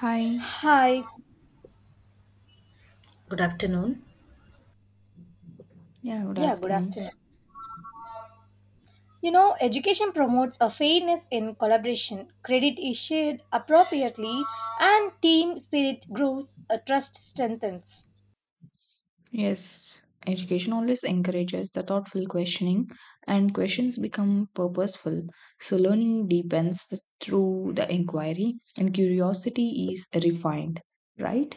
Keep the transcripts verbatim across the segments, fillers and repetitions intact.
Hi, Hi. Good afternoon. yeah, good Yeah, good afternoon. afternoon. You know, education promotes a fairness in collaboration. Credit is shared appropriately and team spirit grows, a trust strengthens. Yes, education always encourages the thoughtful questioning, and questions become purposeful. So, learning deepens th- through the inquiry, and curiosity is refined, right?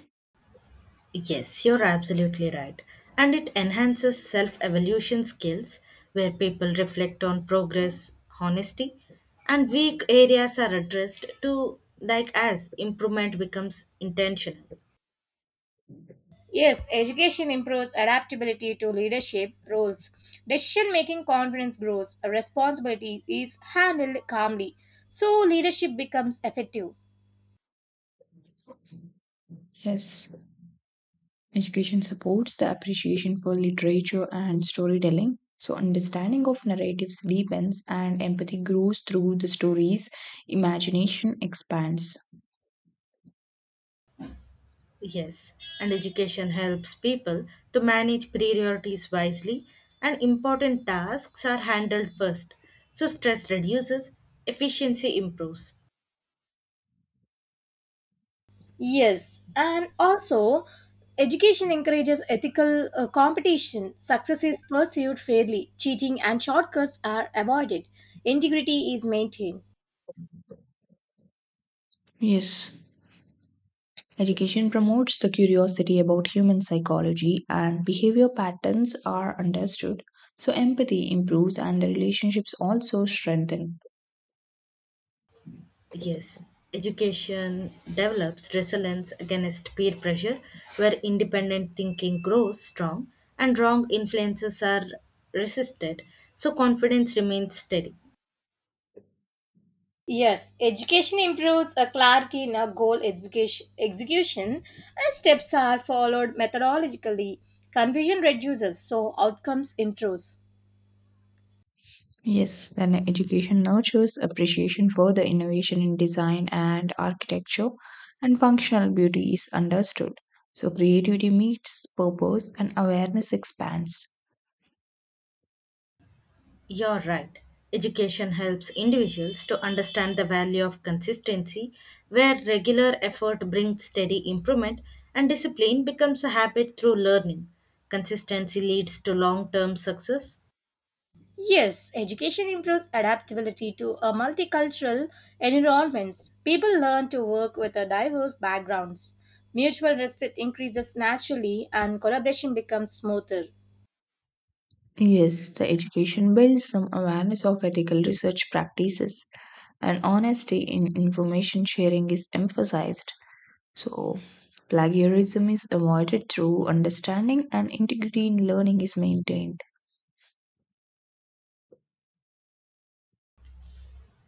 Yes, you're absolutely right. And it enhances self evaluation skills where people reflect on progress, honesty, and weak areas are addressed to, like, as improvement becomes intentional. Yes, education improves adaptability to leadership roles. Decision making confidence grows, responsibility is handled calmly. So leadership becomes effective. Yes, education supports the appreciation for literature and storytelling. So, understanding of narratives deepens, and empathy grows through the stories, imagination expands. Yes, and education helps people to manage priorities wisely, and important tasks are handled first. So, stress reduces, efficiency improves. Yes, and also education encourages ethical uh, competition. Success is pursued fairly, cheating and shortcuts are avoided, integrity is maintained. Yes. Education promotes the curiosity about human psychology and behavior patterns are understood. So empathy improves and the relationships also strengthen. Yes, education develops resilience against peer pressure, where independent thinking grows strong and wrong influences are resisted, so confidence remains steady. Yes, education improves a clarity in a goal education, execution, and steps are followed methodologically. Confusion reduces, so outcomes improves. Yes, then education nurtures appreciation for the innovation in design and architecture and functional beauty is understood. So creativity meets purpose and awareness expands. You're right. Education helps individuals to understand the value of consistency, where regular effort brings steady improvement and discipline becomes a habit through learning. Consistency leads to long term success, Yes, education improves adaptability to a multicultural environments. People learn to work with a diverse backgrounds. Mutual respect increases naturally and collaboration becomes smoother. Yes, the education builds some awareness of ethical research practices and honesty in information sharing is emphasized. So, plagiarism is avoided through understanding and integrity in learning is maintained.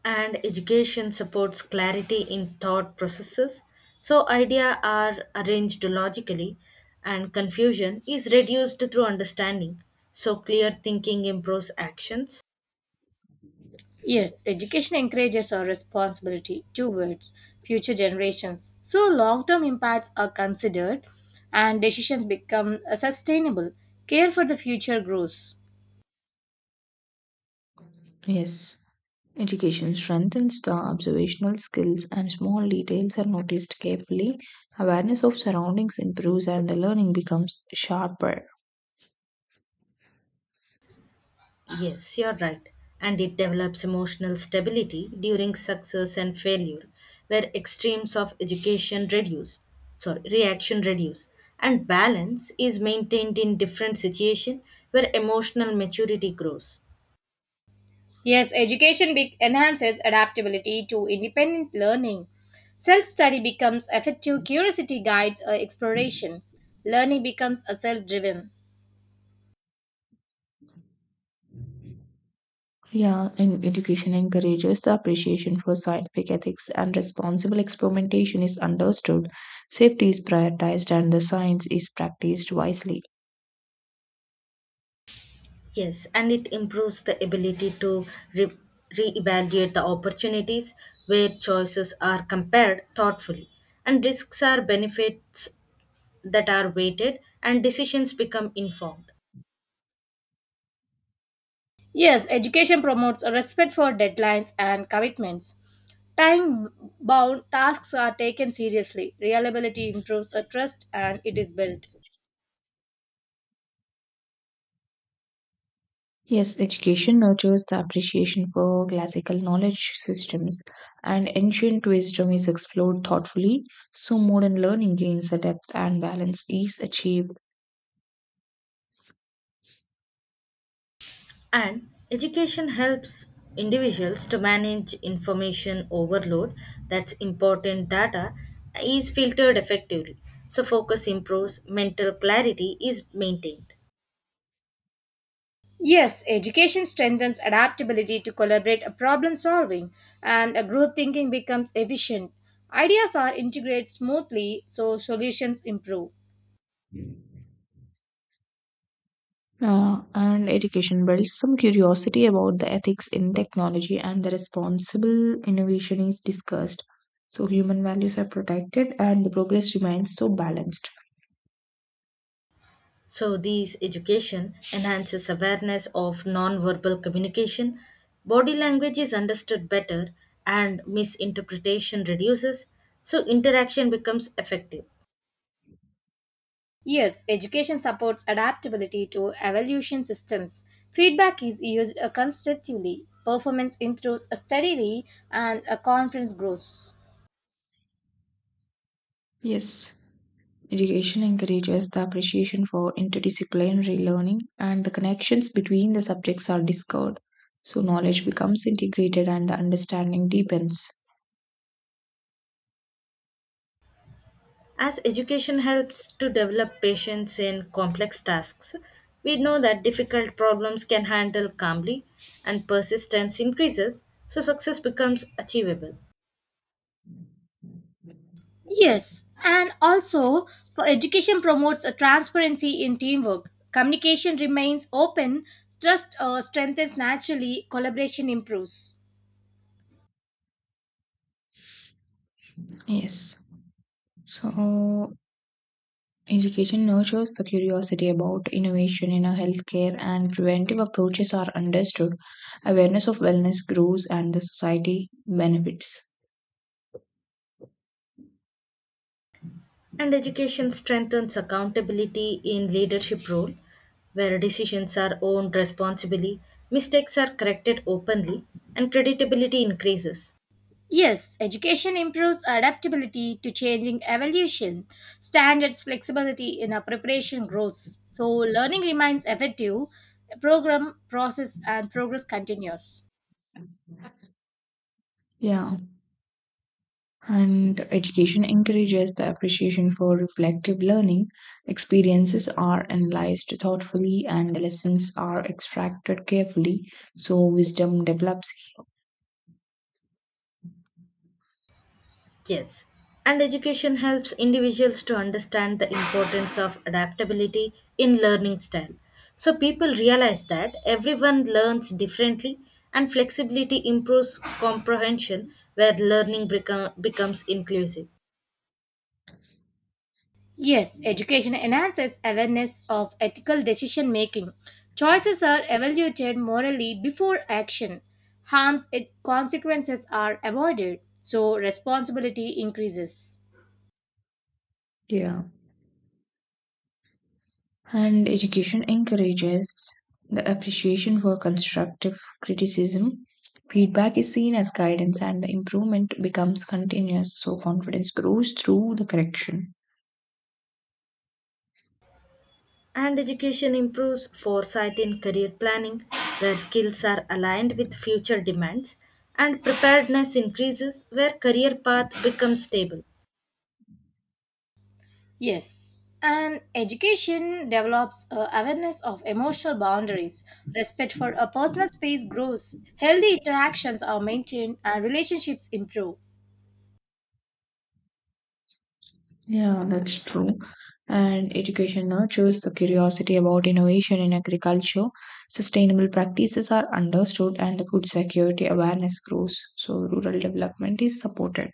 and education supports clarity in thought processes, so ideas are arranged logically and confusion is reduced through understanding, so clear thinking improves actions. Yes, education encourages our responsibility towards future generations. So long-term impacts are considered and decisions become uh, sustainable. Care for the future grows. Yes, education strengthens the observational skills and small details are noticed carefully. Awareness of surroundings improves and the learning becomes sharper. Yes, you're right, and it develops emotional stability during success and failure, where extremes of education reduce sorry reaction reduce, and balance is maintained in different situation, where emotional maturity grows. Yes, education be- enhances adaptability to independent learning. Self study becomes effective, curiosity guides uh, exploration, learning becomes a self driven. Yeah, and education encourages the appreciation for scientific ethics and responsible experimentation is understood. Safety is prioritized and the science is practiced wisely. Yes, and it improves the ability to re- reevaluate the opportunities, where choices are compared thoughtfully, and risks are benefits that are weighted, and decisions become informed. Yes, education promotes a respect for deadlines and commitments. Time bound tasks are taken seriously, reliability improves a trust, and it is built. Yes, education nurtures the appreciation for classical knowledge systems, and ancient wisdom is explored thoughtfully, so modern learning gains the depth and balance is achieved. And education helps individuals to manage information overload, that's important data is filtered effectively, so focus improves, mental clarity is maintained. Yes, education strengthens adaptability to collaborate a problem solving and a group thinking becomes efficient. Ideas are integrated smoothly so solutions improve. Uh, and education builds some curiosity about the ethics in technology, and the responsible innovation is discussed. So, human values are protected, and the progress remains so balanced. So, these education enhances awareness of non-verbal communication, body language is understood better, and misinterpretation reduces, so interaction becomes effective. Yes, education supports adaptability to evolution systems. Feedback is used uh, constructively, performance improves steadily and a confidence grows. Yes. Education encourages the appreciation for interdisciplinary learning and the connections between the subjects are discovered. So knowledge becomes integrated and the understanding deepens. As education helps to develop patience in complex tasks, we know that difficult problems can handle calmly and persistence increases, so success becomes achievable. Yes, and also for education promotes a transparency in teamwork. Communication remains open, trust uh, strengthens naturally, collaboration improves. Yes. So education nurtures the curiosity about innovation in a healthcare and preventive approaches are understood. Awareness of wellness grows and the society benefits. And education strengthens accountability in leadership role, where decisions are owned responsibly, mistakes are corrected openly, and creditability increases. Yes, education improves adaptability to changing evolution. Standards flexibility in our preparation grows. So learning remains effective, program process and progress continues. Yeah, and education encourages the appreciation for reflective learning. Experiences are analyzed thoughtfully and the lessons are extracted carefully, so wisdom develops. Yes, and education helps individuals to understand the importance of adaptability in learning style. So people realize that everyone learns differently and flexibility improves comprehension, where learning become, becomes inclusive. Yes, education enhances awareness of ethical decision making. Choices are evaluated morally before action. Harms and consequences are avoided, so responsibility increases. Yeah. And education encourages the appreciation for constructive criticism. Feedback is seen as guidance and the improvement becomes continuous, so confidence grows through the correction. And education improves foresight in career planning, where skills are aligned with future demands, and preparedness increases, where career path becomes stable. Yes, and education develops a awareness of emotional boundaries. Respect for a personal space grows. Healthy interactions are maintained and relationships improve. Yeah, that's true. And education nurtures the curiosity about innovation in agriculture. Sustainable practices are understood and the food security awareness grows. So rural development is supported.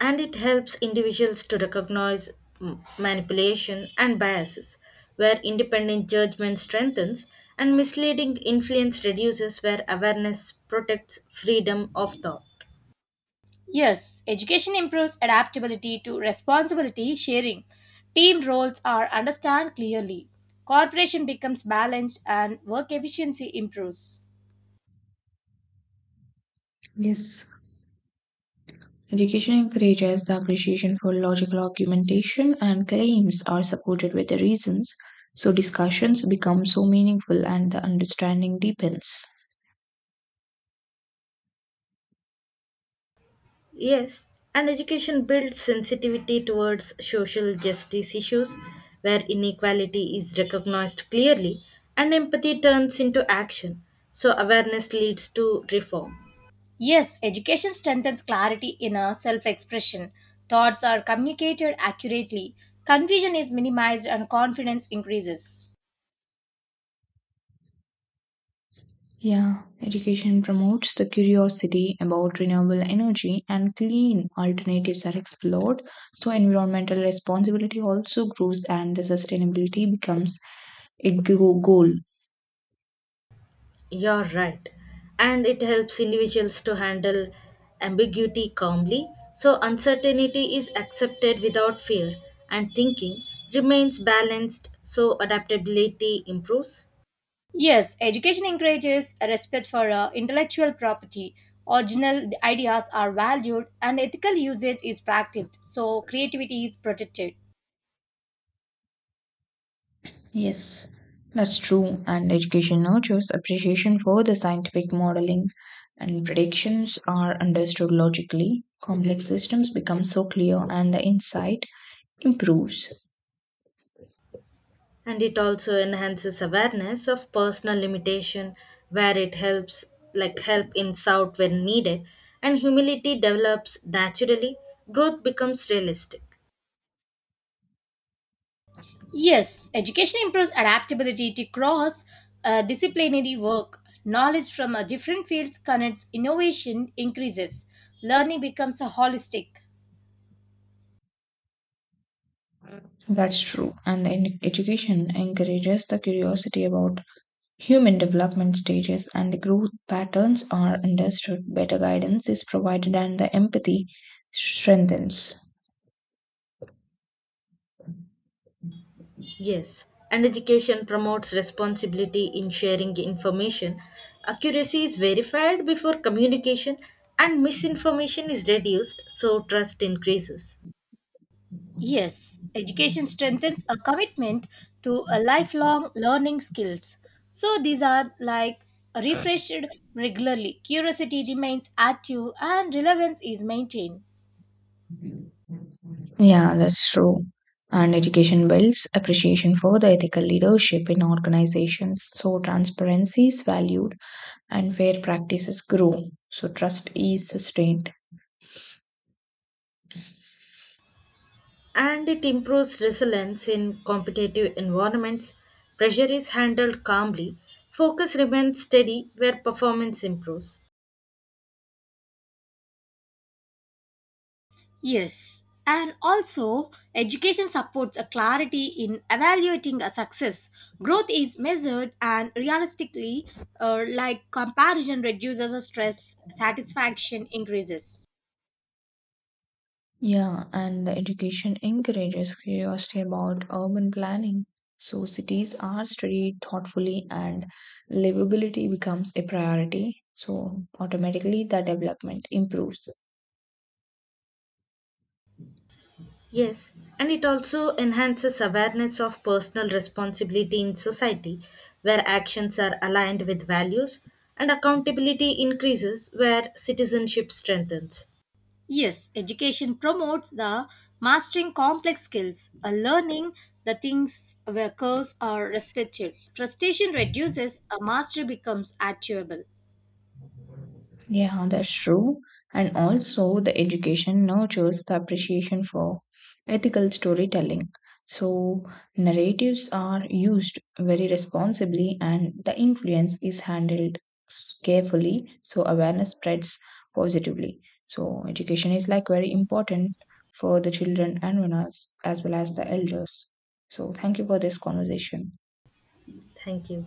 And it helps individuals to recognize m- manipulation and biases, where independent judgment strengthens and misleading influence reduces, where awareness protects freedom of thought. Yes, education improves adaptability to responsibility sharing. Team roles are understood clearly. Cooperation becomes balanced and work efficiency improves. Yes. Education encourages the appreciation for logical argumentation and claims are supported with the reasons. So discussions become so meaningful and the understanding deepens. Yes, and education builds sensitivity towards social justice issues, where inequality is recognized clearly and empathy turns into action. So, awareness leads to reform. Yes, education strengthens clarity in a self expression. Thoughts are communicated accurately. Confusion is minimized and confidence increases. Yeah, education promotes the curiosity about renewable energy and clean alternatives are explored. So, environmental responsibility also grows and the sustainability becomes a go- goal. You're right. And it helps individuals to handle ambiguity calmly. So, uncertainty is accepted without fear, and thinking remains balanced, so adaptability improves. Yes, education encourages a respect for uh, intellectual property. Original ideas are valued and ethical usage is practiced, so creativity is protected. Yes, that's true. And education nurtures appreciation for the scientific modeling and predictions are understood logically. Complex systems become so clear and the insight improves. And it also enhances awareness of personal limitation, where it helps, like, help ints out when needed, and humility develops naturally, growth becomes realistic. Yes, education improves adaptability to cross uh, disciplinary work. Knowledge from uh, different fields connects, innovation increases, learning becomes a holistic. That's true. And in education encourages the curiosity about human development stages and the growth patterns are understood. Better guidance is provided and the empathy strengthens. Yes, and education promotes responsibility in sharing information, accuracy is verified before communication, and misinformation is reduced, so trust increases. Yes, education strengthens a commitment to a lifelong learning skills. So these are like refreshed regularly. Curiosity remains active and relevance is maintained. Yeah, that's true. And education builds appreciation for the ethical leadership in organizations. So transparency is valued and fair practices grow. So trust is sustained. And it improves resilience in competitive environments. Pressure is handled calmly, focus remains steady where performance improves. Yes, and also education supports a clarity in evaluating a success. Growth is measured and realistically, uh, like comparison reduces the stress, satisfaction increases. Yeah, and the education encourages curiosity about urban planning. So cities are studied thoughtfully and livability becomes a priority. So automatically the development improves. Yes, and it also enhances awareness of personal responsibility in society, where actions are aligned with values and accountability increases, where citizenship strengthens. Yes, education promotes the mastering complex skills, a learning the things where curves are respected. Frustration reduces, a mastery becomes achievable. Yeah, that's true. And also, the education nurtures the appreciation for ethical storytelling. So, narratives are used very responsibly, and the influence is handled s- carefully. So, awareness spreads positively. So, education is like very important for the children and us as well as the elders. So, thank you for this conversation. Thank you.